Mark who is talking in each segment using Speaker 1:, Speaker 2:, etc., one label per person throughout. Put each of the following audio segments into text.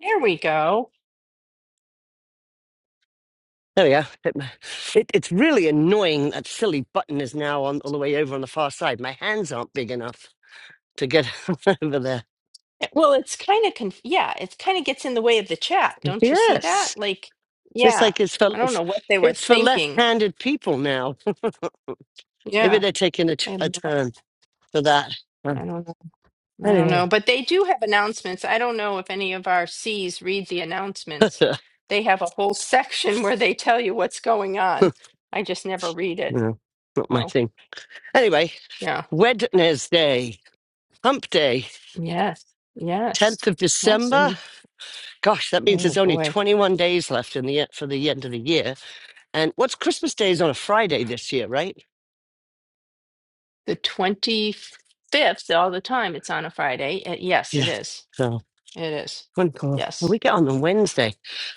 Speaker 1: There we go.
Speaker 2: There we go. Hit It, it's really annoying. That silly button is now on all the way over on the far side. My hands aren't big enough to get over there.
Speaker 1: Well, it's kind of conf yeah, it's kind of gets in the way of the chat. Don't you see that?
Speaker 2: Yes,
Speaker 1: Like,
Speaker 2: it's
Speaker 1: yeah,
Speaker 2: like it's for
Speaker 1: I don't
Speaker 2: it's,
Speaker 1: know what they were
Speaker 2: it's for
Speaker 1: thinking.
Speaker 2: left-handed people now. Maybe
Speaker 1: Yeah,
Speaker 2: they're taking a, t-
Speaker 1: I have
Speaker 2: a
Speaker 1: no,
Speaker 2: turn for that. Uh,
Speaker 1: I don't know. I don't know.
Speaker 2: Anyway,
Speaker 1: But they do have announcements. I don't know if any of our Cs read the announcements. They have a whole section where they tell you what's going on. I just never read it.
Speaker 2: no, not my
Speaker 1: So,
Speaker 2: thing. Anyway,
Speaker 1: yeah.
Speaker 2: Wednesday, Hump Day,
Speaker 1: Yes. Yes.
Speaker 2: tenth of
Speaker 1: Yes.
Speaker 2: December.
Speaker 1: And
Speaker 2: Gosh, that means there's
Speaker 1: oh
Speaker 2: only
Speaker 1: boy,
Speaker 2: twenty-one days left in the e- for the end of the year. And what's Christmas Day is on a Friday this year, right?
Speaker 1: the 25th all the time. It's on a Friday. Uh, yes, it
Speaker 2: Yeah.
Speaker 1: is.
Speaker 2: So
Speaker 1: It is.
Speaker 2: one call. Well,
Speaker 1: Yes.
Speaker 2: we get on on Wednesday.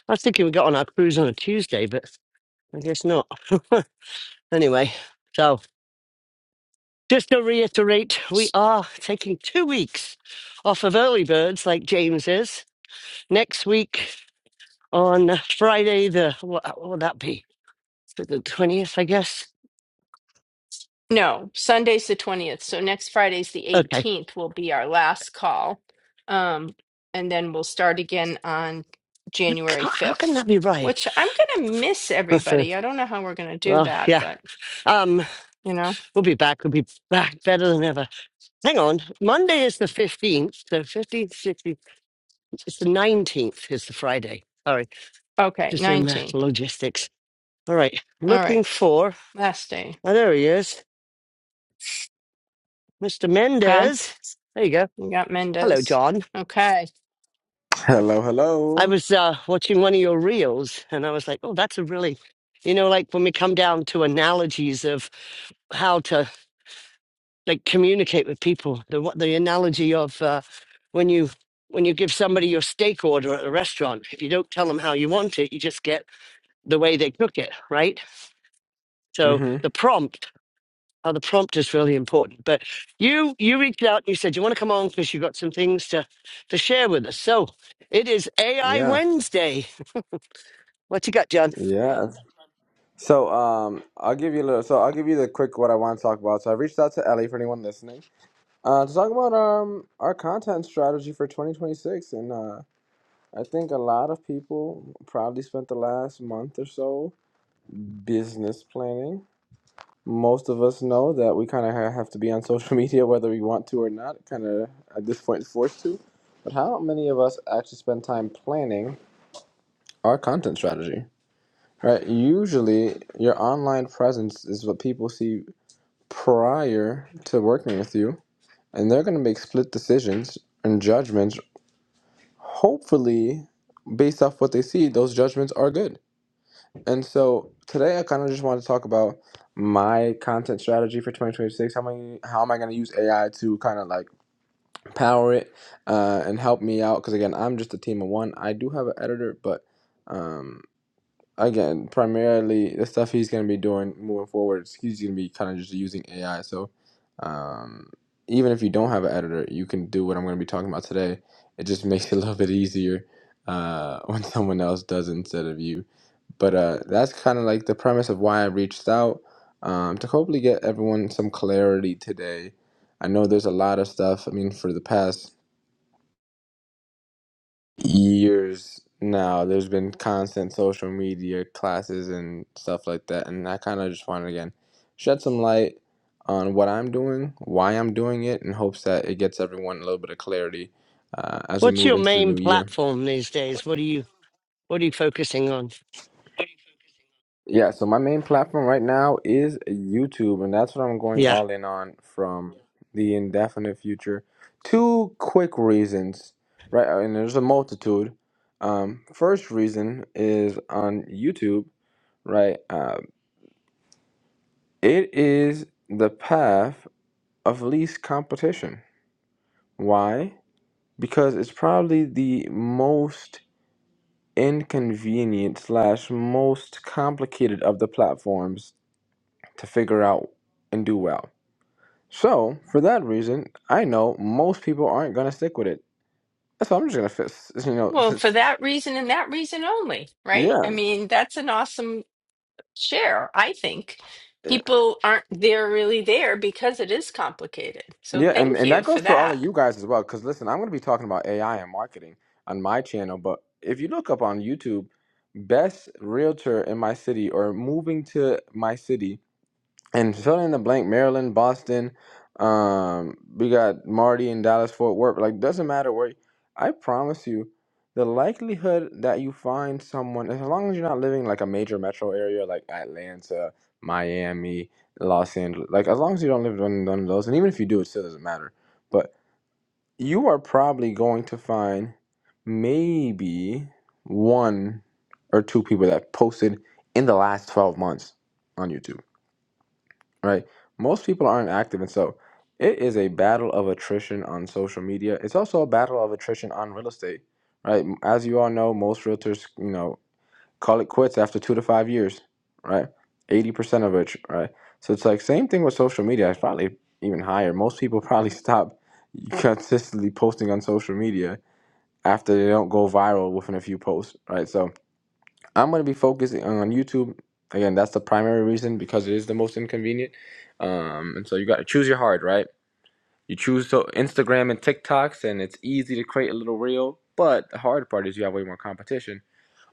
Speaker 2: I was thinking we got on our cruise on a Tuesday, but I guess not. anyway, so just to reiterate, we
Speaker 1: S-
Speaker 2: are taking two weeks off of early birds, like James is. Next week on Friday, the what, what would that be? The twentieth, I guess.
Speaker 1: No, Sunday's the 20th. So next Friday's the
Speaker 2: Okay.
Speaker 1: 18th will be our last call. Um, and then we'll start again on
Speaker 2: You
Speaker 1: January
Speaker 2: can't- How can
Speaker 1: 5th,
Speaker 2: that be right?
Speaker 1: which I'm going to miss everybody. I don't know how we're going to do
Speaker 2: well,
Speaker 1: that,
Speaker 2: yeah.
Speaker 1: but
Speaker 2: Um,
Speaker 1: you know.
Speaker 2: we'll be back. We'll be back better than ever. Hang on. Monday is the 15th. So 15th, 16th. It's the 19th, is the Friday. Sorry,
Speaker 1: Okay,
Speaker 2: just doing math
Speaker 1: 19th.
Speaker 2: logistics. All right,
Speaker 1: All right.
Speaker 2: looking for,
Speaker 1: Last day.
Speaker 2: oh, there he is, Mr.
Speaker 1: Done.
Speaker 2: Mendez. There you go.
Speaker 1: We got
Speaker 2: Hello,
Speaker 1: Mendez.
Speaker 2: John.
Speaker 1: Okay.
Speaker 3: Hello,
Speaker 2: I
Speaker 3: hello.
Speaker 2: was uh, watching one of your reels and I was like, oh, that's a really, you know, like when we come down to analogies of how to like communicate with people, the, what the analogy of uh, when you, when you give somebody your steak order at a restaurant, if you don't tell them how you want it, you just get the way they cook it, right? So
Speaker 3: Mhm.
Speaker 2: the prompt Oh, the prompt is really important. But you you reached out and you said you want to come on because you got some things to to share with us. So it is AI
Speaker 3: Yeah.
Speaker 2: Wednesday. What you got, John?
Speaker 3: Yeah. So, um, I'll give you a little. So, I'll give you the quick what I want to talk about. So, I reached out to Ellie for anyone listening, uh, to talk about um our content strategy for 2026, and uh, I think a lot of people probably spent the last month or so business planning. Most of us know that we kind of ha- have to be on social media whether we want to or not. Kind of at this point forced to. But how many of us actually spend time planning our content strategy? Right. Usually, your online presence is what people see prior to working with you, and they're going to make split decisions and judgments. Hopefully, based off what they see, those judgments are good. And so today, I kind of just want to talk about my content strategy for 2026. How many? How am I going to use AI to kind of like power it uh, and help me out? Because again, I'm just a team of one. I do have an editor, but. um, again, primarily the stuff he's going to be doing moving forward, he's going to be kind of just using AI. So, um, even if you don't have an editor, you can do what I'm going to be talking about today. It just makes it a little bit easier uh, when someone else does it instead of you. But uh, that's kind of like the premise of why I reached out um, to hopefully get everyone some clarity today. I know there's a lot of stuff. I mean, for the past years now there's been constant social media classes and stuff like that and i kind of just want to again shed some light on what i'm doing why i'm doing it in hopes that it gets everyone a little bit of clarity uh, as we
Speaker 2: What's
Speaker 3: move
Speaker 2: your
Speaker 3: into the
Speaker 2: main
Speaker 3: new year
Speaker 2: platform these days? What are you what are you focusing on?
Speaker 3: yeah so my main platform right now is youtube and that's what i'm going
Speaker 2: Yeah.
Speaker 3: all in on from the indefinite future two quick reasons right and there's a multitude um, first reason is on youtube right? Um, it is the path of least competition. Why? Because it's probably the most inconvenient slash most complicated of the platforms to figure out and do well. So for that reason, I know most people aren't gonna stick with it. That's why I'm just gonna fist, you know,
Speaker 1: Well, for that reason and that reason only, right? I mean, that's an awesome share. I think
Speaker 3: yeah.
Speaker 1: people aren't there really there because it is complicated. So
Speaker 3: Yeah, and,
Speaker 1: thank
Speaker 3: and
Speaker 1: you
Speaker 3: that
Speaker 1: for
Speaker 3: goes for all of
Speaker 1: that.
Speaker 3: you guys as well. Because listen, I'm going to be talking about AI and marketing on my channel. But if you look up on YouTube, best realtor in my city or moving to my city and fill in the blank Maryland, Boston. Um, we got Marty in Dallas, Fort Worth. Like, doesn't matter where. I promise you, the likelihood that you find someone, as long as you're not living like a major metro area like Atlanta, Miami, Los Angeles, like as long as you don't live in none of those, and even if you do, it still doesn't matter. But you are probably going to find maybe one or two people that posted in the last 12 months on YouTube right? Most people aren't active, and so it is a battle of attrition on social media. It's also a battle of attrition on real estate, right? As you all know, most realtors, you know, call it quits after two to five years, right? Eighty percent of it, right? So it's like same thing with social media. It's probably even higher. Most people probably stop consistently posting on social media after they don't go viral within a few posts, right? So I'm going to be focusing on YouTube. Again, that's the primary reason because it is the most inconvenient. Um, and so you got to choose your hard, right? You choose so Instagram and TikToks, and it's easy to create a little reel. But the hard part is you have way more competition,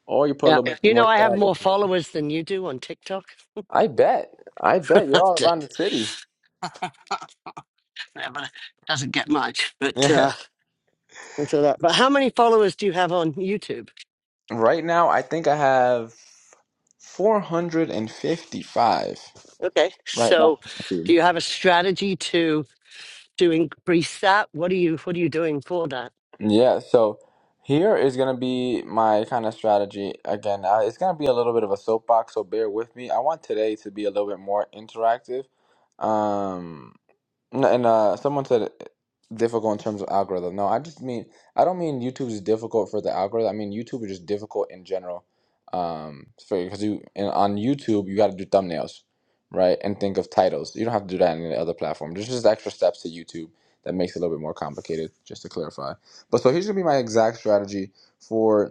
Speaker 3: or you put a
Speaker 2: Yeah.
Speaker 3: little bit
Speaker 2: You know
Speaker 3: more
Speaker 2: I have
Speaker 3: thought
Speaker 2: more
Speaker 3: into it.
Speaker 2: followers than you do on TikTok.
Speaker 3: I bet. I bet you're all around the city.
Speaker 2: Yeah, but it Doesn't get much, but
Speaker 3: Yeah.
Speaker 2: uh that's all that. But how many followers do you have on YouTube?
Speaker 3: right now, I think I have 455
Speaker 2: Okay.
Speaker 3: right now. on
Speaker 2: So
Speaker 3: YouTube.
Speaker 2: do you have a strategy to to increase that? What are you what are you doing for that?
Speaker 3: Yeah, so here is going to be my kind of strategy. Again, uh, it's going to be a little bit of a soapbox, so bear with me. I want today to be a little bit more interactive. Um, no, and uh, someone said difficult in terms of algorithm. No, I just mean I don't mean YouTube is difficult for the algorithm. I mean YouTube is just difficult in general. Um, because you and on YouTube you got to do thumbnails, right? And think of titles. You don't have to do that in any other platform. There's just extra steps to YouTube that makes it a little bit more complicated. Just to clarify. But so here's gonna be my exact strategy for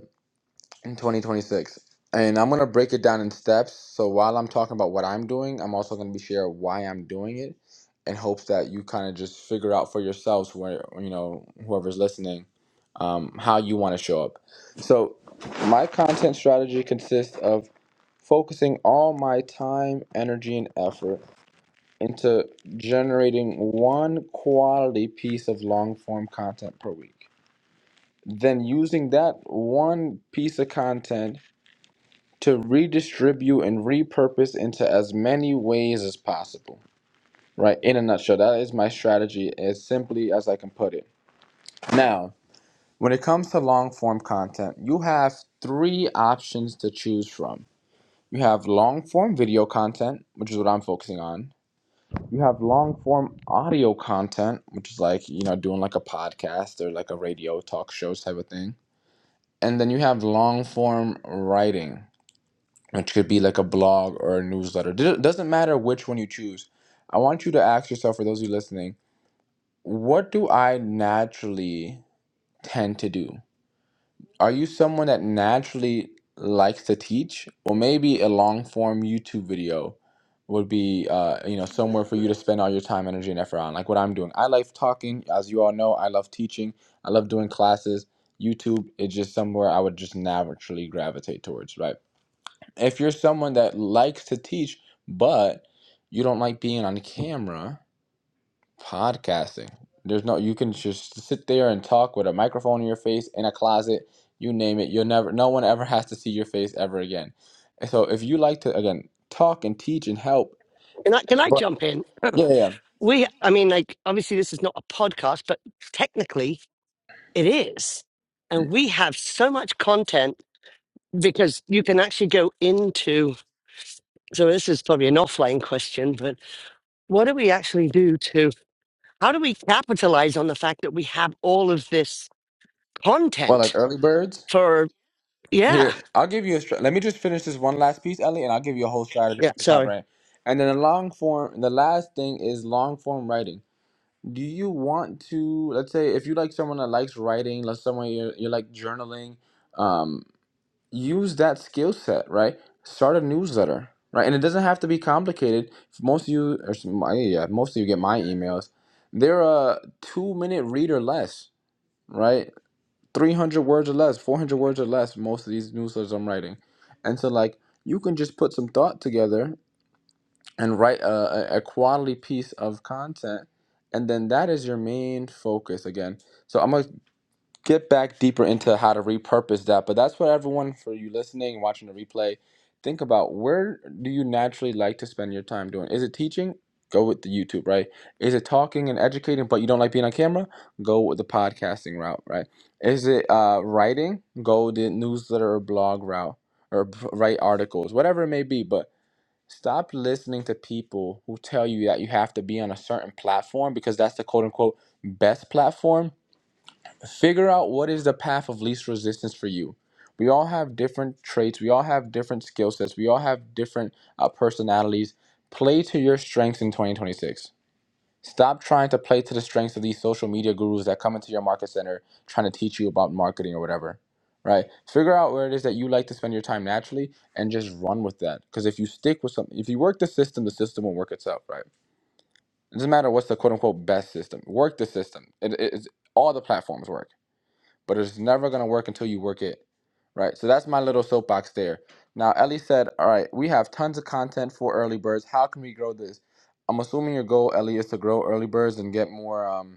Speaker 3: in 2026. And I'm going to break it down in steps. So while I'm talking about what I'm doing, I'm also going to be share why I'm doing it in hopes that you kind of just figure out for yourselves where, you know, whoever's listening, um, how you want to show up. So my content strategy consists of focusing all my time, energy, and effort into generating one quality piece of long form content per week. Then using that one piece of content to redistribute and repurpose into as many ways as possible. Right? In a nutshell, that is my strategy as simply as I can put it. Now, when it comes to long form content, you have three options to choose from. You have long form video content, which is what I'm focusing on. You have long form audio content, which is like, you know, doing like a podcast or like a radio talk show type of thing. And then you have long form writing which could be like a blog or a newsletter. It doesn't matter which one you choose. I want you to ask yourself, for those of you listening, what do I naturally tend to do? Are you someone that naturally likes to teach, or maybe a long form YouTube video would be, uh, you know, somewhere for you to spend all your time, energy, and effort on, like what I'm doing. I like talking, as you all know. I love teaching. I love doing classes. YouTube is just somewhere I would just naturally gravitate towards, right? if you're someone that likes to teach but you don't like being on camera podcasting there's no you can just sit there and talk with a microphone in your face in a closet you name it you'll never no one ever has to see your face ever again And so if you like to again talk and teach and help
Speaker 2: Can I, can I
Speaker 3: but
Speaker 2: jump in?
Speaker 3: yeah yeah
Speaker 2: We, I mean, like, obviously, this is not a podcast, but technically it is.
Speaker 3: yeah.
Speaker 2: And we have so much content because you can actually go into. So, this is probably an offline question, but what do we actually do to, how do we capitalize on the fact that we have all of this
Speaker 3: well like
Speaker 2: content
Speaker 3: early birds
Speaker 2: for, yeah,
Speaker 3: here i'll give you a str- let me just finish this one last piece ellie and i'll give you a whole strategy
Speaker 2: yeah,
Speaker 3: off the top
Speaker 2: sorry.
Speaker 3: right and then the long form the last thing is long form writing Do you want to, let's say, if you like someone that likes writing, let's someone you you like journaling, um, use that skill set, right? Start a newsletter, right? And it doesn't have to be complicated. Most of you, or s- my- yeah, most of you get my emails. They're a two-minute read or less, right? 300 words or less, 400 words or less, most of these newsletters I'm writing. And so, like, you can just put some thought together and write a, a quality piece of content and then that is your main focus again so i'm gonna get back deeper into how to repurpose that but that's what everyone for you listening and watching the replay think about where do you naturally like to spend your time doing is it teaching go with the youtube right is it talking and educating but you don't like being on camera go with the podcasting route right is it uh, writing go the newsletter or blog route or write articles whatever it may be but Stop listening to people who tell you that you have to be on a certain platform because that's the quote unquote best platform. Figure out what is the path of least resistance for you. We all have different traits, we all have different skill sets, we all have different uh, personalities. Play to your strengths in 2026. Stop trying to play to the strengths of these social media gurus that come into your market center trying to teach you about marketing or whatever, right? Figure out where it is that you like to spend your time naturally and just run with that. Because if you stick with something, if you work the system, the system will work itself, right? It doesn't matter what's the quote unquote best system. Work the system. It, it, it's, all the platforms work but it's never going to work until you work it. Right. So that's my little soapbox there. Now, Ellie said, All right, we have tons of content for early birds. How can we grow this? I'm assuming your goal, Ellie, is to grow early birds and get more um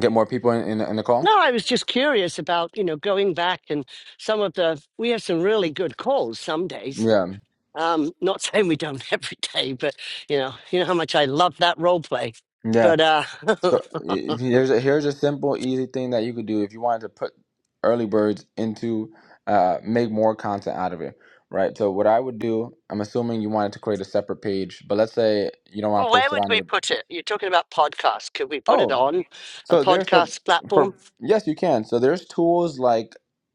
Speaker 3: get more people in, in, in the call.
Speaker 2: No, I was just curious about, you know, going back and some of the, we have some really good calls some days
Speaker 3: Yeah.
Speaker 2: Um, not saying we don't every day, but you know, you know how much I love that role play.
Speaker 3: Yeah.
Speaker 2: But uh,
Speaker 3: So
Speaker 2: well,
Speaker 3: i- here's a here's a simple, easy thing that you could do if you wanted to put early birds into uh make more content out of it. Right. So what I would do, I'm assuming you wanted to create a separate page, but let's say you don't want to
Speaker 2: where
Speaker 3: post it
Speaker 2: would
Speaker 3: on
Speaker 2: we
Speaker 3: your
Speaker 2: put it? You're talking about podcasts. Could we put it
Speaker 3: Oh.
Speaker 2: on a
Speaker 3: So there's for
Speaker 2: podcast platform?
Speaker 3: for yes, you can. So there's tools like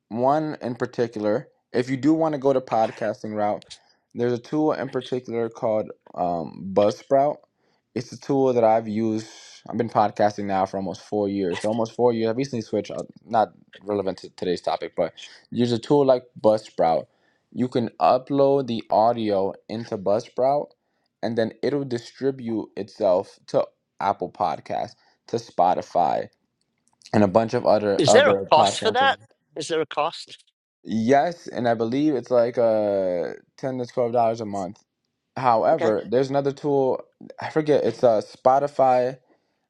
Speaker 3: one in particular. If you do want to go the podcasting route, there's a tool in particular called um, Buzzsprout. It's a tool that I've used. I've been podcasting now for almost four years. So almost four years. i recently switched. uh, Not relevant to today's topic, but use a tool like Buzzsprout. You can upload the audio into Buzzsprout, and then it'll distribute itself to Apple Podcasts to Spotify and a bunch of other
Speaker 2: Is there a
Speaker 3: other
Speaker 2: cost for
Speaker 3: podcasters.
Speaker 2: that? Is there a cost?
Speaker 3: Yes, and I believe it's like uh ten to twelve dollars a month.
Speaker 2: Okay.
Speaker 3: However, there's another tool I forget. It's uh Spotify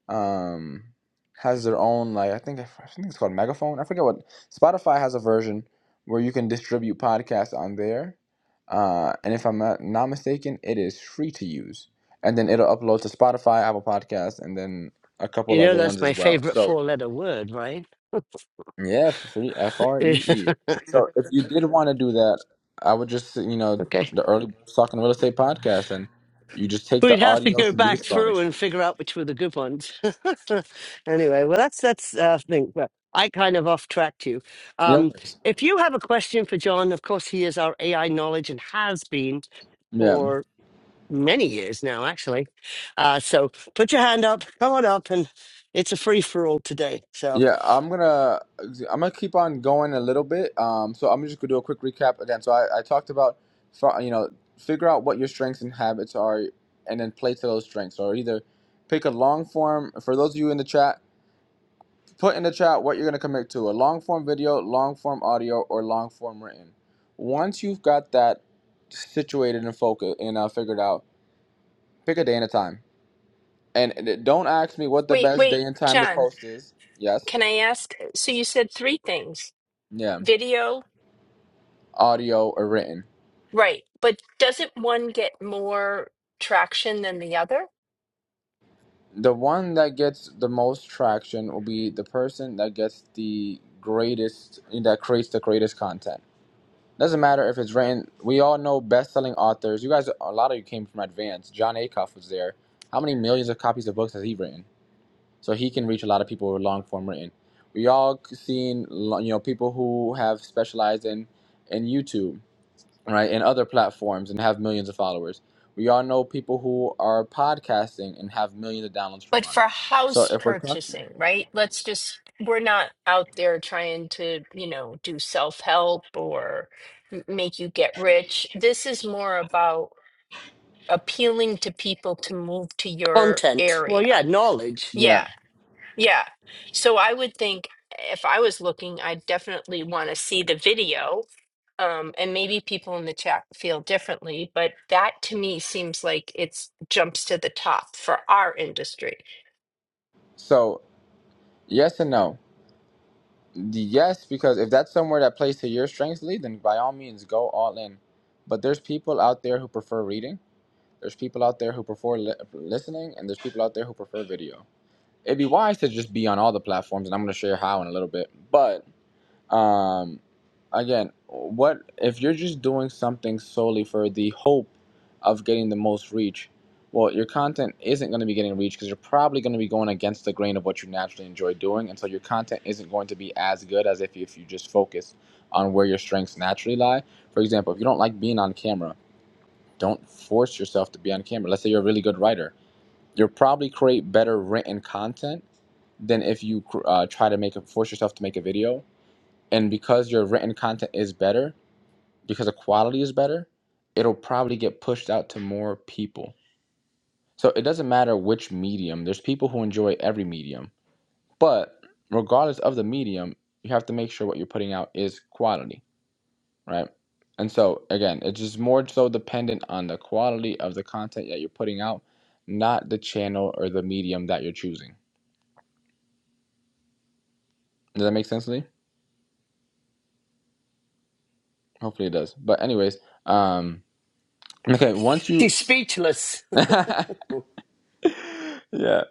Speaker 3: um has their own like I think I think it's called Megaphone. I forget what Spotify has a version where you can distribute podcasts on there. Uh, and if I'm not, not mistaken, it is free to use, and then it'll upload to Spotify, Apple Podcasts, and then a couple
Speaker 2: You know,
Speaker 3: other
Speaker 2: that's
Speaker 3: ones
Speaker 2: my
Speaker 3: as well.
Speaker 2: favorite
Speaker 3: So
Speaker 2: four letter word, right?
Speaker 3: Yeah, free F R E E. So if you did want to do that, I would just you know
Speaker 2: okay.
Speaker 3: the early Birds talking real estate podcast, and you just take the
Speaker 2: We'd have to
Speaker 3: audio
Speaker 2: go
Speaker 3: from these
Speaker 2: back through
Speaker 3: phones.
Speaker 2: and figure out which were the good ones. anyway, well, that's that's uh, thing. Well, I kind of off tracked you.
Speaker 3: No
Speaker 2: Um,
Speaker 3: worries.
Speaker 2: if you have a question for John, of course, he is our AI knowledge and has been
Speaker 3: Yeah,
Speaker 2: for many years now, actually. Uh, so put your hand up, come on up, and it's a free for all today. So
Speaker 3: yeah. I'm gonna I'm gonna keep on going a little bit. Um, so I'm just gonna do a quick recap again. So I, I talked about fi- you know figure out what your strengths and habits are, and then play to those strengths. Or either pick a long form for those of you in the chat. Put in the chat what you're going to commit to a long form video, long form audio, or long form written. Once you've got that situated and focused and uh, figured out, pick a day and a time. And and don't ask me what the
Speaker 1: Wait,
Speaker 3: best
Speaker 1: wait,
Speaker 3: day and time to
Speaker 1: John,
Speaker 3: post is. Yes.
Speaker 1: can I ask? So you said three things
Speaker 3: Yeah.
Speaker 1: video,
Speaker 3: Audio or written.
Speaker 1: right? But doesn't one get more traction than the other?
Speaker 3: The one that gets the most traction will be the person that gets the greatest, that creates the greatest content Doesn't matter if it's written. We all know best-selling authors. You guys, a lot of you came from Advance. John Acuff was there. How many millions of copies of books has he written? So he can reach a lot of people with long-form written. We all seen, you know, people who have specialized in in YouTube, right, and other platforms, and have millions of followers. We all know people who are podcasting and have millions of downloads per
Speaker 1: But
Speaker 3: month.
Speaker 1: for
Speaker 3: So
Speaker 1: house
Speaker 3: if we're talking,
Speaker 1: purchasing, right? Let's just, we're not out there trying to, you know, do self help or m- make you get rich. This is more about appealing to people to move to your
Speaker 2: content. Well, yeah,
Speaker 1: area.
Speaker 2: knowledge.
Speaker 1: Yeah,
Speaker 3: yeah.
Speaker 1: yeah. So I would think if I was looking, I definitely want to see the video. Um, and maybe people in the chat feel differently, but that to me seems like it's jumps to the top for our industry.
Speaker 3: So yes and no Yes, because if that's somewhere that plays to your strengths, Lee, then by all means go all in. But there's people out there who prefer reading. There's people out there who prefer li- listening, and there's people out there who prefer video. It'd be wise to just be on all the platforms, and I'm going to share how in a little bit. But um again what if you're just doing something solely for the hope of getting the most reach well your content isn't going to be getting reach because you're probably going to be going against the grain of what you naturally enjoy doing and so your content isn't going to be as good as if, you, if you just focus on where your strengths naturally lie for example if you don't like being on camera don't force yourself to be on camera let's say you're a really good writer you'll probably create better written content than if you uh, try to make a, force yourself to make a video and because your written content is better because the quality is better it'll probably get pushed out to more people so it doesn't matter which medium there's people who enjoy every medium but regardless of the medium you have to make sure what you're putting out is quality right and so again it's just more so dependent on the quality of the content that you're putting out not the channel or the medium that you're choosing does that make sense lee hopefully it does but anyways um okay once you
Speaker 2: She's speechless
Speaker 3: yeah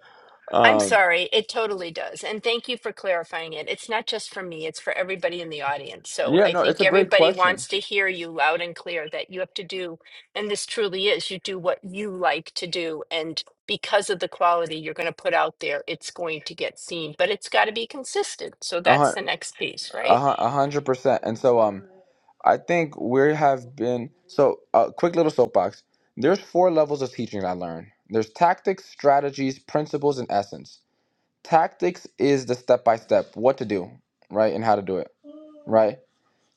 Speaker 1: I'm
Speaker 3: um
Speaker 1: sorry, it totally does. And thank you for clarifying it. It's not just for me, it's for everybody in the audience. So
Speaker 3: Yeah,
Speaker 1: I
Speaker 3: no, it's
Speaker 1: think
Speaker 3: a great
Speaker 1: everybody
Speaker 3: question.
Speaker 1: wants to hear you loud and clear that you have to do, and this truly is, you do what you like to do. And because of the quality you're going to put out there, it's going to get seen, but it's got to be consistent. So
Speaker 3: A
Speaker 1: that's
Speaker 3: hun-
Speaker 1: the next piece,
Speaker 3: a
Speaker 1: right?
Speaker 3: hun- a hundred percent. And so, um, I think we have been so. A uh, quick little soapbox. There's four levels of teaching I learned. There's tactics, strategies, principles, and essence. Tactics is the step by step, what to do, right, and how to do it, right.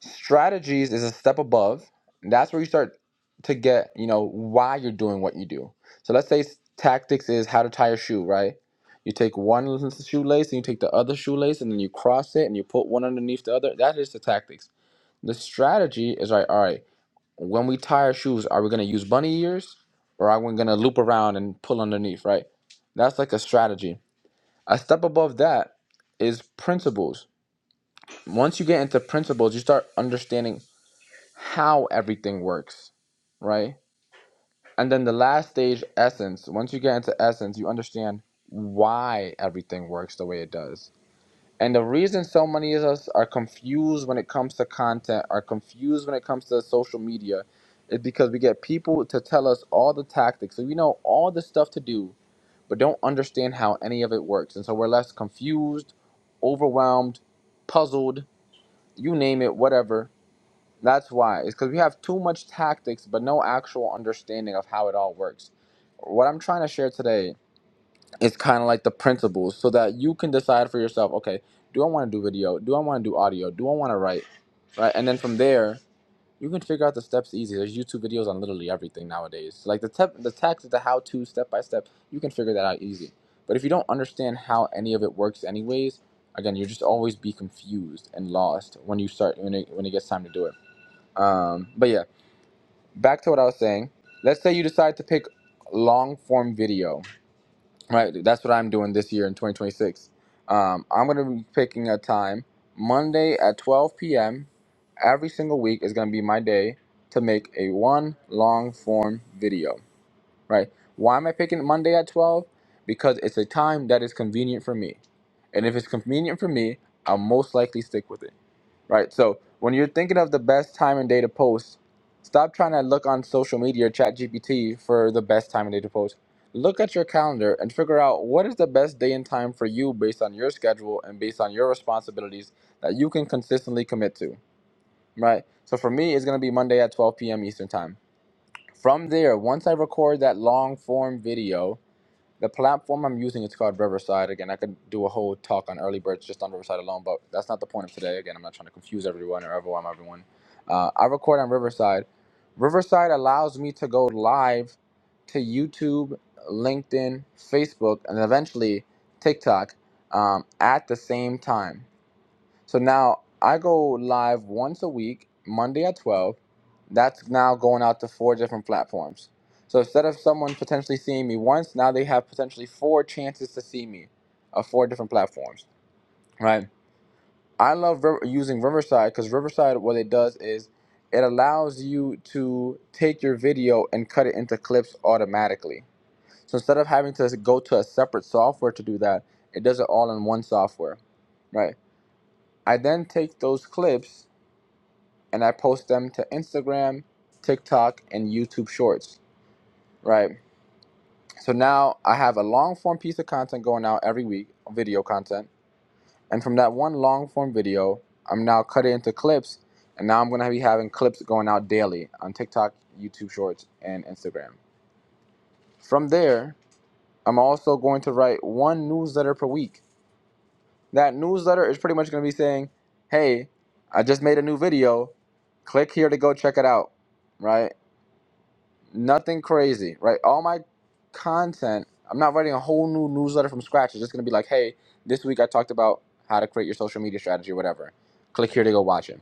Speaker 3: strategies is a step above that's where you start to get you know why you're doing what you do so let's say tactics is how to tie a shoe right you take one l- shoelace and you take the other shoelace and then you cross it and you put one underneath the other that is the tactics the strategy is right all right when we tie our shoes are we going to use bunny ears or are we going to loop around and pull underneath right that's like a strategy a step above that is principles once you get into principles you start understanding how everything works, right? And then the last stage, essence. Once you get into essence, you understand why everything works the way it does. And the reason so many of us are confused when it comes to content, are confused when it comes to social media, is because we get people to tell us all the tactics. So we know all the stuff to do, but don't understand how any of it works. And so we're less confused, overwhelmed, puzzled, you name it, whatever that's why. It's because we have too much tactics, but no actual understanding of how it all works. What I'm trying to share today is kind of like the principles so that you can decide for yourself okay, do I want to do video? Do I want to do audio? Do I want to write? Right? And then from there, you can figure out the steps easy. There's YouTube videos on literally everything nowadays. Like the, tep- the tactics, the how to, step by step, you can figure that out easy. But if you don't understand how any of it works, anyways, again, you just always be confused and lost when you start when it, when it gets time to do it. Um, but yeah, back to what I was saying. Let's say you decide to pick long form video, right? That's what I'm doing this year in 2026. Um, I'm going to be picking a time Monday at 12 p.m. Every single week is going to be my day to make a one long form video, right? Why am I picking Monday at 12? Because it's a time that is convenient for me. And if it's convenient for me, I'll most likely stick with it right? So when you're thinking of the best time and day to post, stop trying to look on social media or chat for the best time and day to post. Look at your calendar and figure out what is the best day and time for you based on your schedule and based on your responsibilities that you can consistently commit to, right? So for me, it's gonna be Monday at 12 p.m. Eastern time. From there, once I record that long form video, the platform I'm using is called Riverside. Again, I could do a whole talk on early birds just on Riverside alone, but that's not the point of today. Again, I'm not trying to confuse everyone or overwhelm everyone. Uh, I record on Riverside. Riverside allows me to go live to YouTube, LinkedIn, Facebook, and eventually TikTok um, at the same time. So now I go live once a week, Monday at 12. That's now going out to four different platforms. So instead of someone potentially seeing me once, now they have potentially four chances to see me of four different platforms, right? I love River, using Riverside because Riverside, what it does is it allows you to take your video and cut it into clips automatically. So instead of having to go to a separate software to do that, it does it all in one software, right? I then take those clips and I post them to Instagram, TikTok, and YouTube Shorts, right? So now I have a long form piece of content going out every week, video content. And from that one long form video, I'm now cutting into clips, and now I'm gonna be having clips going out daily on TikTok, YouTube Shorts, and Instagram. From there, I'm also going to write one newsletter per week. That newsletter is pretty much gonna be saying, hey, I just made a new video. Click here to go check it out, right? nothing crazy, right? All my content, I'm not writing a whole new newsletter from scratch. It's just gonna be like, hey, this week I talked about how to create your social media strategy or whatever. Click here to go watch it,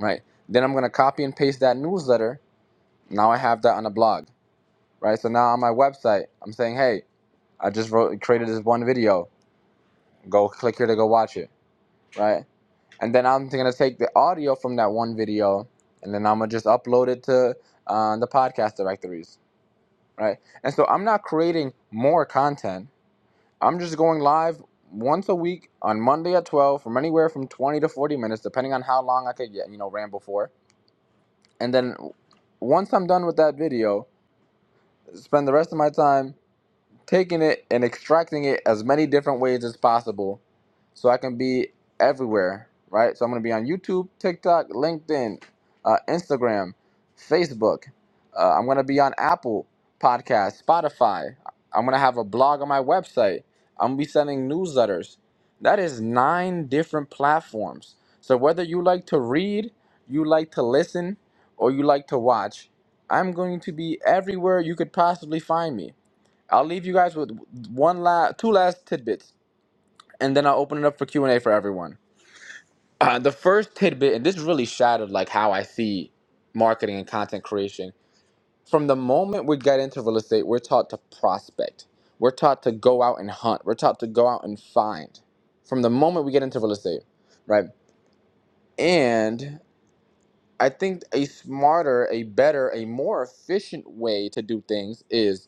Speaker 3: right? Then I'm gonna copy and paste that newsletter. Now I have that on a blog, right? So now on my website, I'm saying, hey, I just wrote created this one video. Go click here to go watch it, right? And then I'm gonna take the audio from that one video, and then I'm gonna just upload it to uh, the podcast directories right? And so I'm not creating more content. I'm just going live once a week on Monday at 12 from anywhere from 20 to 40 minutes, depending on how long I could yeah, you know, ramble for. And then once I'm done with that video, spend the rest of my time taking it and extracting it as many different ways as possible so I can be everywhere, right? So I'm going to be on YouTube, TikTok, LinkedIn, uh, Instagram, Facebook. Uh, I'm going to be on Apple Podcasts, Spotify. I'm going to have a blog on my website. I'm going to be sending newsletters. That is nine different platforms. So whether you like to read, you like to listen, or you like to watch, I'm going to be everywhere you could possibly find me. I'll leave you guys with one last, two last tidbits, and then I'll open it up for Q and A for everyone. Uh, the first tidbit, and this really shattered like how I see marketing and content creation. From the moment we get into real estate, we're taught to prospect. We're taught to go out and hunt. We're taught to go out and find. From the moment we get into real estate, right? And I think a smarter, a better, a more efficient way to do things is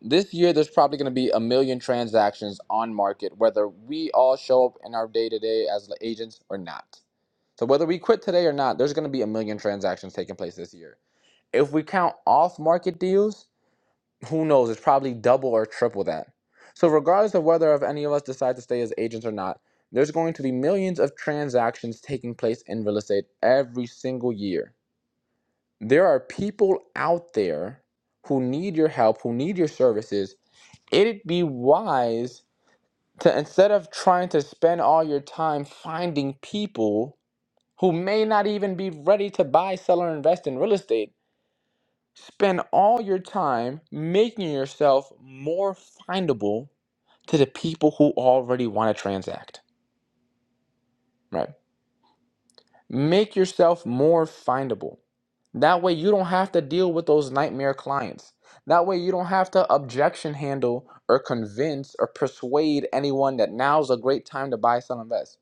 Speaker 3: This year, there's probably going to be a million transactions on market, whether we all show up in our day to day as agents or not. So, whether we quit today or not, there's going to be a million transactions taking place this year. If we count off market deals, who knows? It's probably double or triple that. So, regardless of whether of any of us decide to stay as agents or not, there's going to be millions of transactions taking place in real estate every single year. There are people out there who need your help, who need your services, it'd be wise to instead of trying to spend all your time finding people who may not even be ready to buy, sell, or invest in real estate, spend all your time making yourself more findable to the people who already want to transact. Right. Make yourself more findable. That way you don't have to deal with those nightmare clients. That way you don't have to objection handle or convince or persuade anyone that now's a great time to buy, sell, invest.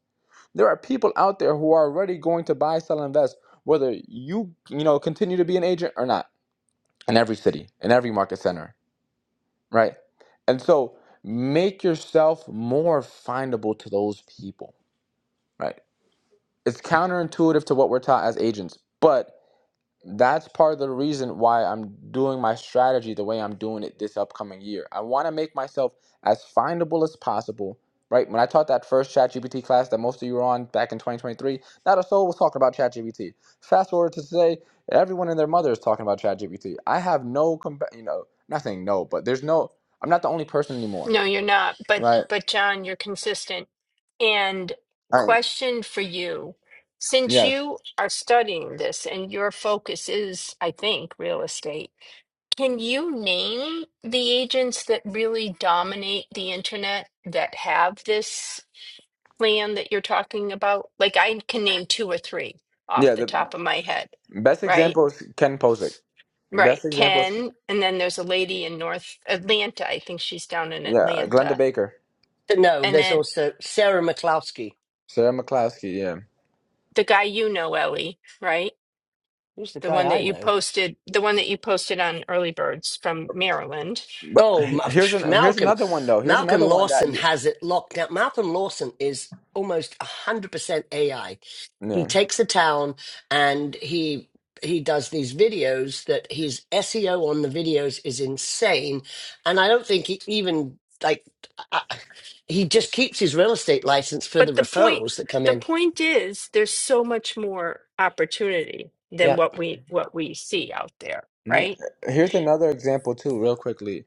Speaker 3: There are people out there who are already going to buy, sell, invest, whether you you know continue to be an agent or not. In every city, in every market center, right? And so make yourself more findable to those people, right? It's counterintuitive to what we're taught as agents, but that's part of the reason why I'm doing my strategy the way I'm doing it this upcoming year. I want to make myself as findable as possible. Right when I taught that first ChatGPT class that most of you were on back in 2023, not a soul was talking about ChatGPT. Fast forward to today, everyone and their mother is talking about ChatGPT. I have no, compa- you know, not saying no, but there's no. I'm not the only person anymore,
Speaker 1: No, you're not. But
Speaker 3: right?
Speaker 1: but John, you're consistent. And
Speaker 3: I,
Speaker 1: question for you, since
Speaker 3: yes,
Speaker 1: you are studying this and your focus is, I think, real estate, can you name the agents that really dominate the internet that have this plan that you're talking about? Like I can name two or three off
Speaker 3: yeah.
Speaker 1: the
Speaker 3: The
Speaker 1: top of my head,
Speaker 3: best
Speaker 1: right?
Speaker 3: example is Ken Posick.
Speaker 1: Right.
Speaker 3: Best example is
Speaker 1: Ken, and then there's a lady in North Atlanta. I think she's down in
Speaker 3: yeah, Glenda
Speaker 1: Atlanta.
Speaker 3: Baker,
Speaker 2: No,
Speaker 1: and
Speaker 2: There's
Speaker 1: then.
Speaker 2: also Sarah McCloskey,
Speaker 3: Sarah McCloskey. Yeah,
Speaker 1: the guy you know, Ellie, right?
Speaker 2: who's the
Speaker 1: The
Speaker 2: guy
Speaker 1: one
Speaker 2: I
Speaker 1: that you
Speaker 2: know.
Speaker 1: posted, the one that you posted on Early Birds from Maryland.
Speaker 3: But
Speaker 2: Oh,
Speaker 3: he-
Speaker 2: Ma-
Speaker 3: here's an here's
Speaker 2: Malcolm.
Speaker 3: another one though. Here's
Speaker 2: Malcolm
Speaker 3: another one that
Speaker 2: Lawson
Speaker 3: you
Speaker 2: has it locked down. Malcolm Lawson is almost 100% AI. He
Speaker 3: yeah
Speaker 2: takes a town and he he does these videos that his SEO on the videos is insane and I don't think he even like I, I- he just keeps his real estate license for the
Speaker 1: But the point,
Speaker 2: referrals that come
Speaker 1: the
Speaker 2: in.
Speaker 1: point is, there's so much more opportunity than
Speaker 2: Yeah.
Speaker 1: what we what we see out there,
Speaker 3: yeah.
Speaker 1: right?
Speaker 3: Here's another example too, real quickly.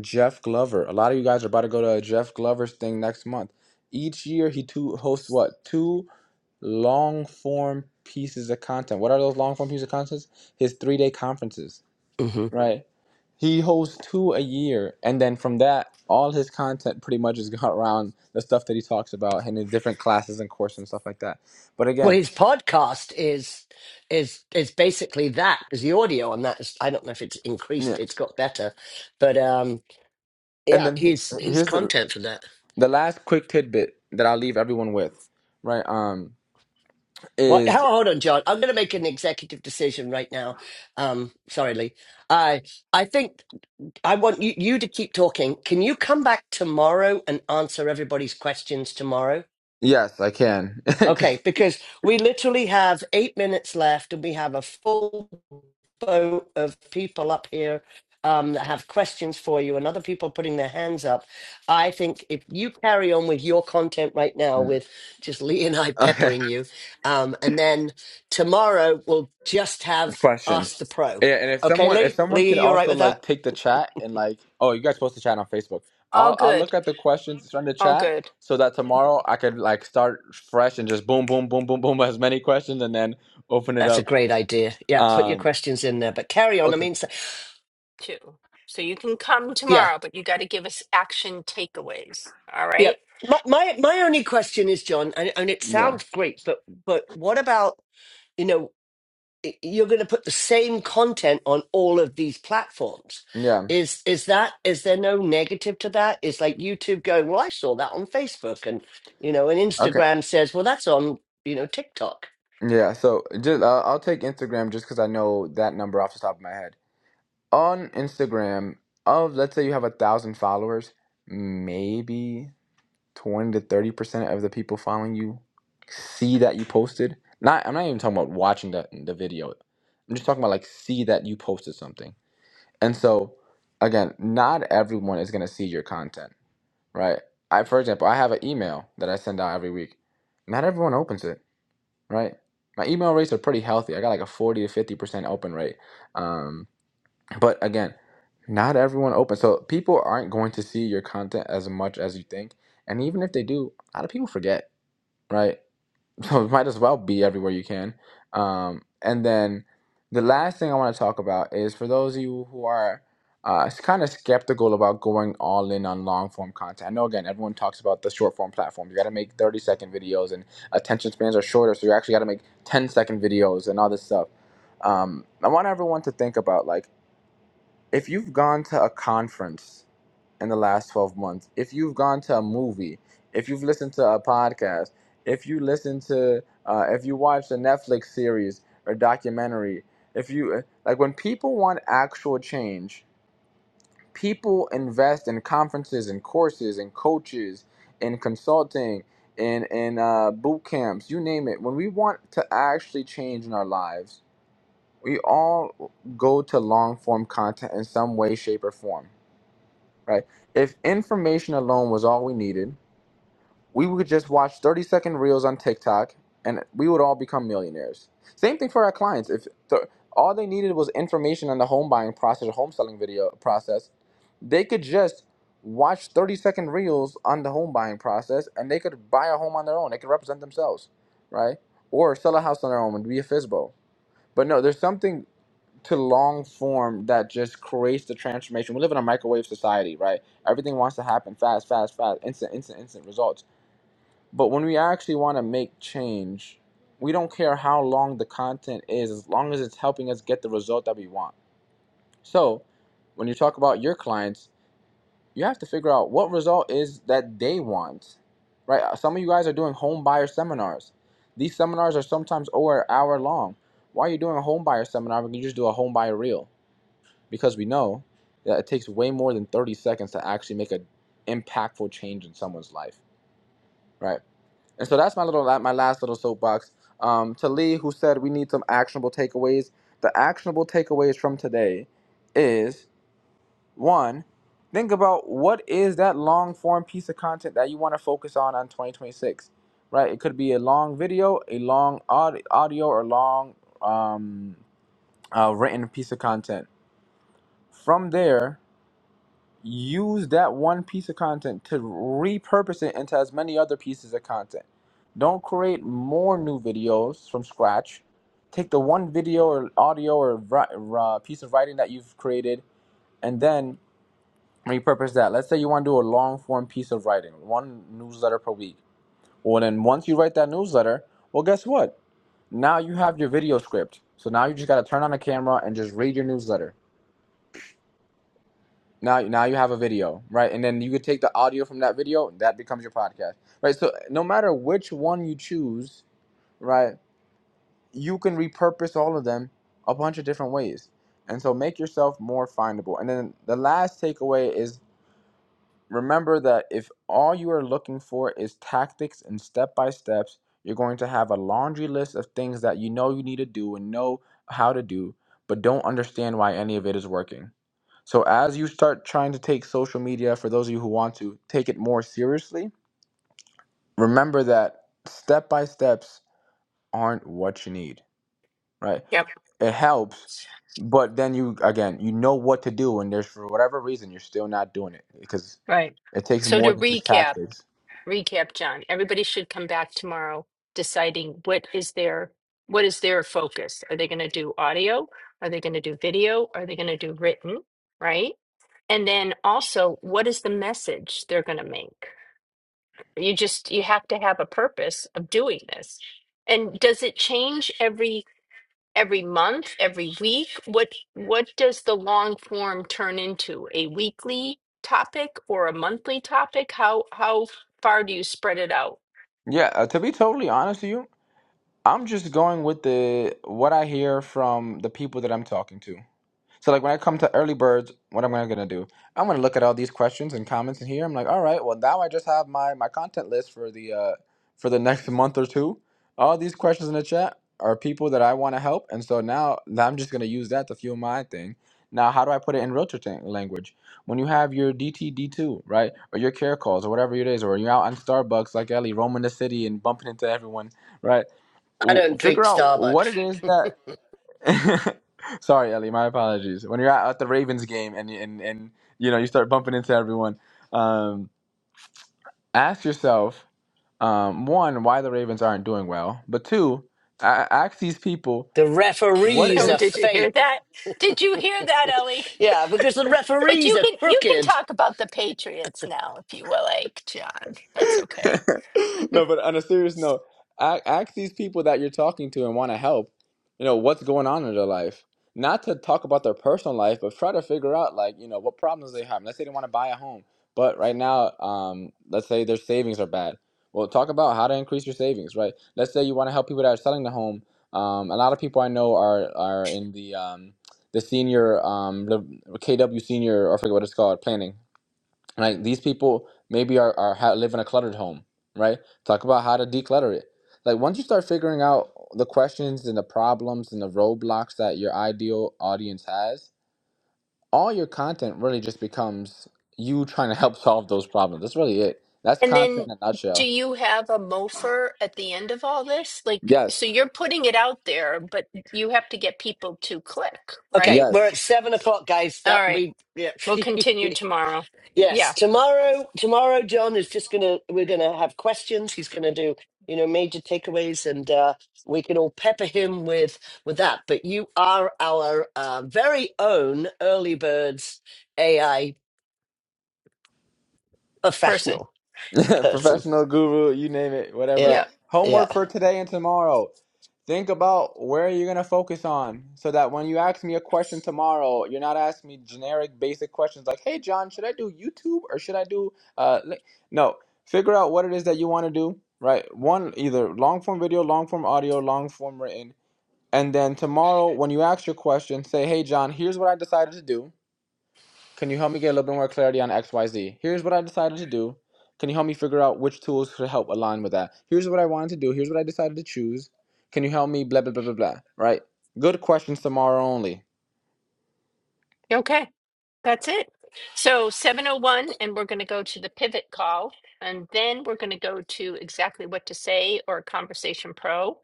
Speaker 3: Jeff Glover. A lot of you guys are about to go to a Jeff Glover's thing next month. Each year he two hosts what two long form pieces of content. What are those long form pieces of content? His three day conferences, right? He hosts two a year, and then from that, all his content pretty much is around the stuff that he talks about and his different classes and courses and stuff like that. But
Speaker 2: Well,
Speaker 3: again.
Speaker 2: his podcast is is is basically that because the audio on that is I don't know if it's
Speaker 3: yeah,
Speaker 2: increased, it's got better, but um,
Speaker 3: And
Speaker 2: yeah,
Speaker 3: then
Speaker 2: his
Speaker 3: he-
Speaker 2: his
Speaker 3: here's the
Speaker 2: content for that.
Speaker 3: the last quick tidbit that I'll leave everyone with, right? Um,
Speaker 2: What?
Speaker 3: is
Speaker 2: How? Hold on, John. I'm going to make an executive decision right now. Um, sorry, Lee. I I think I want you you to keep talking. Can you come back tomorrow and answer everybody's questions tomorrow?
Speaker 3: yes, I can.
Speaker 2: Okay,
Speaker 3: 'Cause-
Speaker 2: because we literally have eight minutes left, and we have a full info of people up here um, that have questions for you and other people putting their hands up. I think if you carry on with your content right now,
Speaker 3: mm.
Speaker 2: with just Lee and I
Speaker 3: okay,
Speaker 2: peppering you, um, and then tomorrow we'll just have Ask
Speaker 3: questions.
Speaker 2: the Pro.
Speaker 3: Yeah, and if
Speaker 2: Okay,
Speaker 3: someone if
Speaker 2: Lee?
Speaker 3: someone
Speaker 2: Lee,
Speaker 3: can
Speaker 2: are you all right
Speaker 3: also
Speaker 2: with that?
Speaker 3: like take the chat and like, oh, you guys post the chat on Facebook.
Speaker 1: All
Speaker 3: I'll I'll
Speaker 1: good,
Speaker 3: look at the questions from the
Speaker 1: all
Speaker 3: chat
Speaker 1: good
Speaker 3: so that tomorrow I could like start fresh and just boom, boom, boom, boom, boom, as many questions and then open it
Speaker 2: That's a
Speaker 3: up.
Speaker 2: great idea. Yeah, put your
Speaker 3: Um.
Speaker 2: questions in there, but carry on. I
Speaker 3: Okay.
Speaker 2: mean, so,
Speaker 1: too. So you can come
Speaker 2: yeah,
Speaker 1: tomorrow, but you got to give us action takeaways. All
Speaker 2: Yeah,
Speaker 1: right?
Speaker 2: My, my my only question is, John, and, and it
Speaker 3: Yeah.
Speaker 2: sounds great, but but what about you know y- you're going to put the same content on all of these platforms?
Speaker 3: Yeah.
Speaker 2: Is is that is there no negative to that? Is like YouTube going, well, I saw that on Facebook, and you know, and
Speaker 3: Okay.
Speaker 2: Instagram says, well, that's on you know TikTok.
Speaker 3: Yeah. So just uh, I'll take Instagram just because I know that number off the top of my head. On Instagram, of let's say you have a thousand followers, maybe 20 to 30 percent of the people following you see that you posted not i'm not even talking about watching the, the video i'm just talking about like see that you posted something and so again not everyone is going to see your content right i for example i have an email that i send out every week not everyone opens it right my email rates are pretty healthy i got like a 40 to 50 percent open rate Um, but again, not everyone opens, So people aren't going to see your content as much as you think. And even if they do, a lot of people forget, right? So it might as well be everywhere you can. Um, and then the last thing I want to talk about is for those of you who are uh, kind of skeptical about going all in on long form content. I know, again, everyone talks about the short form platforms. You got to make 30 second videos, and attention spans are shorter, so you actually got to make 10 second videos and all this stuff. Um, I want everyone to think about like, if you've gone to a conference in the last 12 months, if you've gone to a movie, if you've listened to a podcast, if you listen to, uh, if you watch a Netflix series or documentary, if you, uh, like when people want actual change, people invest in conferences and courses and coaches and consulting and, and uh, boot camps, you name it. When we want to actually change in our lives, we all go to long form content in some way, shape, or form right? If information alone was all we needed, we would just watch 30 second reels on TikTok and we would all become millionaires. Same thing for our clients. If th- all they needed was information on the home buying process or home selling video process, they could just watch 30 second reels on the home buying process and they could buy a home on their own. They could represent themselves, right? Or sell a house on their own and be a FISBO. But no, there's something to long form that just creates the transformation. We live in a microwave society, right? Everything wants to happen fast, fast, fast, instant, instant, instant results. But when we actually want to make change, we don't care how long the content is, as long as it's helping us get the result that we want. So, when you talk about your clients, you have to figure out what result is that they want, right? Uh, Some of you guys are doing home buyer seminars. These seminars are sometimes over an hour long. Why are you doing a home buyer seminar when you just do a home buyer reel? because we know that it takes way more than 30 seconds to actually make an impactful change in someone's life, right? And so that's my little my last little soapbox. Um, to Lee, who said we need some actionable takeaways. The actionable takeaways from today is one, think about what is that long form piece of content that you want to focus on on 2026, right? It could be a long video, a long audio, or long um, uh, written piece of content. From there, use that one piece of content to repurpose it into as many other pieces of content. Don't create more new videos from scratch. Take the one video or audio or uh, piece of writing that you've created and then repurpose that. Let's say you want to do a long form piece of writing, one newsletter per week. Well, then once you write that newsletter, well, guess what? Now you have your video script. So now you just got to turn on the camera and just read your newsletter Now, now you have a video, right? And then you could take the audio from that video, that becomes your podcast, right? So no matter which one you choose, right, you can repurpose all of them a bunch of different ways. And so make yourself more findable. And then the last takeaway is remember that if all you are looking for is tactics and step by steps, you're going to have a laundry list of things that you know you need to do and know how to do, but don't understand why any of it is working. So, as you start trying to take social media, for those of you who want to take it more seriously, remember that step by steps aren't what you need, right?
Speaker 1: Yep.
Speaker 3: It helps, but then you, again, you know what to do, and there's for whatever reason, you're still not doing it because
Speaker 1: Right.
Speaker 3: it takes
Speaker 1: So to
Speaker 3: more than just
Speaker 1: recap.
Speaker 3: tactics.
Speaker 1: recap, John. Everybody should come back tomorrow deciding what is their what is their focus. Are they going to do audio? Are they going to do video? Are they going to do written? Right? And then also, what is the message they're going to make? You just you have to have a purpose of doing this. And does it change every every month, every week? What what does the long form turn into? A weekly topic or a monthly topic? How how far do you spread it out?
Speaker 3: Yeah, uh, to be totally honest with you, I'm just going with the what I hear from the people that I'm talking to. So like when I come to early birds, what am I gonna do? I'm gonna look at all these questions and comments in here. I'm like, all right, well now I just have my my content list for the uh for the next month or two. All these questions in the chat are people that I want to help, and so now I'm just gonna use that to fuel my thing. Now, how do I put it in realtor tang- language? When you have your DTD2, right, or your care calls, or whatever it is, or you're out on Starbucks like Ellie, roaming the city and bumping into everyone, right?
Speaker 2: I
Speaker 3: W-
Speaker 2: don't drink
Speaker 3: Figure out what
Speaker 2: Starbucks.
Speaker 3: it is that Sorry, Ellie. My apologies. When you're at, at the Ravens game and and and you know you start bumping into everyone, um, ask yourself um, one why the Ravens aren't doing well, but two, a- ask these people
Speaker 2: The
Speaker 3: what
Speaker 2: referees
Speaker 1: Oh,
Speaker 3: is
Speaker 2: are
Speaker 1: did you hear
Speaker 2: fake.
Speaker 1: that? Did you hear that, Ellie?
Speaker 2: Yeah, because the
Speaker 1: But
Speaker 2: referees
Speaker 1: you
Speaker 2: are
Speaker 1: can you can
Speaker 2: crooked.
Speaker 1: talk about the Patriots now if you will, like, John. That's okay.
Speaker 3: no, but on a serious note, a- ask these people that you're talking to and want to help, you know, what's going on in their life. Not to talk about their personal life, but try to figure out, like, you know, what problems they have. Let's say they want to buy a home, but right now, um, let's say their savings are bad. Well, talk about how to increase your savings, right? Let's say you want to help people that are selling the home. Um, a lot of people I know are are in the um, the senior um, the KW senior, or I forget what it's called, planning right? These people maybe are, are ha- live in a cluttered home, right? Talk about how to declutter it. Like once you start figuring out the questions and the problems and the roadblocks that your ideal audience has, all your content really just becomes you trying to help solve those problems. That's really it. That's
Speaker 1: And then
Speaker 3: content in a
Speaker 1: do
Speaker 3: nutshell.
Speaker 1: you have a mofer at the end of all this? Like so
Speaker 3: Yes.
Speaker 1: you're putting it out there, but you have to get people to click, right?
Speaker 2: Okay, we're
Speaker 3: Yes.
Speaker 2: at seven o'clock, guys. That
Speaker 1: All right.
Speaker 2: we yeah.
Speaker 1: We'll continue tomorrow.
Speaker 2: Yes,
Speaker 1: Yeah.
Speaker 2: tomorrow, tomorrow, John is just gonna, we're gonna have questions. He's gonna do, you know, major takeaways and uh, we can all pepper him with, with that. But you are our uh, very own early birds AI
Speaker 1: Person.
Speaker 2: professional person.
Speaker 3: professional guru, you name it,
Speaker 2: Yeah.
Speaker 3: whatever.
Speaker 1: Yeah.
Speaker 2: Yeah.
Speaker 3: Homework for today and tomorrow. Think about where you're going to focus on so that when you ask me a question tomorrow, you're not asking me generic, basic questions like, hey, John, should I do YouTube or should I do. Uh, li-" no, figure out what it is that you want to do, right? One, either long form video, long form audio, long form written. And then tomorrow, when you ask your question, say, hey, John, here's what I decided to do can you help me get a little bit more clarity on XYZ? Here's what I decided to do. Can you help me figure out which tools could help align with that? Here's what I wanted to do. Here's what I decided to choose. Can you help me? Blah, blah, blah, blah, blah. Right? Good questions tomorrow only.
Speaker 1: Okay. That's it. So 701, and we're going to go to the pivot call, and then we're going to go to exactly what to say or Conversation Pro.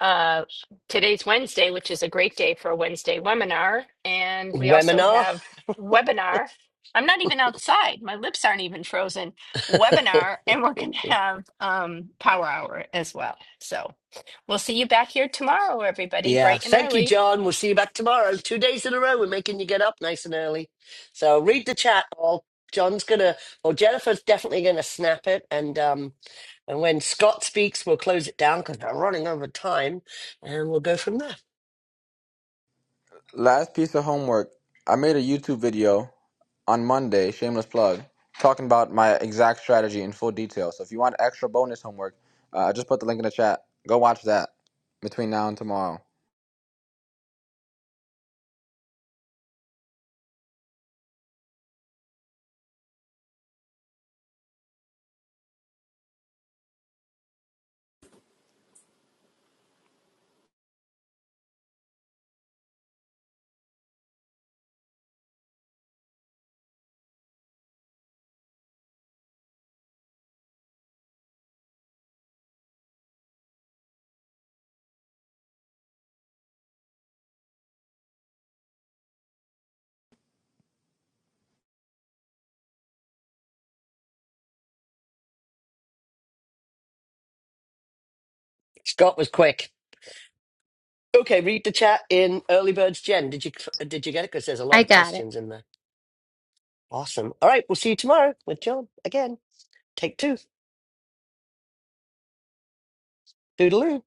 Speaker 1: Uh, today's Wednesday, which is a great day for a Wednesday webinar, and we also
Speaker 2: Webinar.
Speaker 1: have webinar. I'm not even outside. My lips aren't even frozen. Webinar, and we're going to have um, Power Hour as well. So we'll see you back here tomorrow, everybody,
Speaker 2: Yeah.
Speaker 1: bright and
Speaker 2: Thank you,
Speaker 1: early.
Speaker 2: John. We'll see you back tomorrow. Two days in a row. We're making you get up nice and early. So read the chat. All John's gonna, well, Jennifer's definitely gonna snap it, and um, and when Scott speaks, we'll close it down because we're running over time, and we'll go from there.
Speaker 3: Last piece of homework. I made a YouTube video on Monday, shameless plug, talking about my exact strategy in full detail. So if you want extra bonus homeworst homework, uh, I uh, just put the link in the chat. Go watch that between now and tomorrow.
Speaker 2: Scott was quick. Okay, read the chat in Early Birds. Jen, did you did you get it? Because there's a lot
Speaker 4: I
Speaker 2: of
Speaker 4: got it.
Speaker 2: questions in there. Awesome. All right, we'll see you tomorrow with John again. Take two. Doodaloo.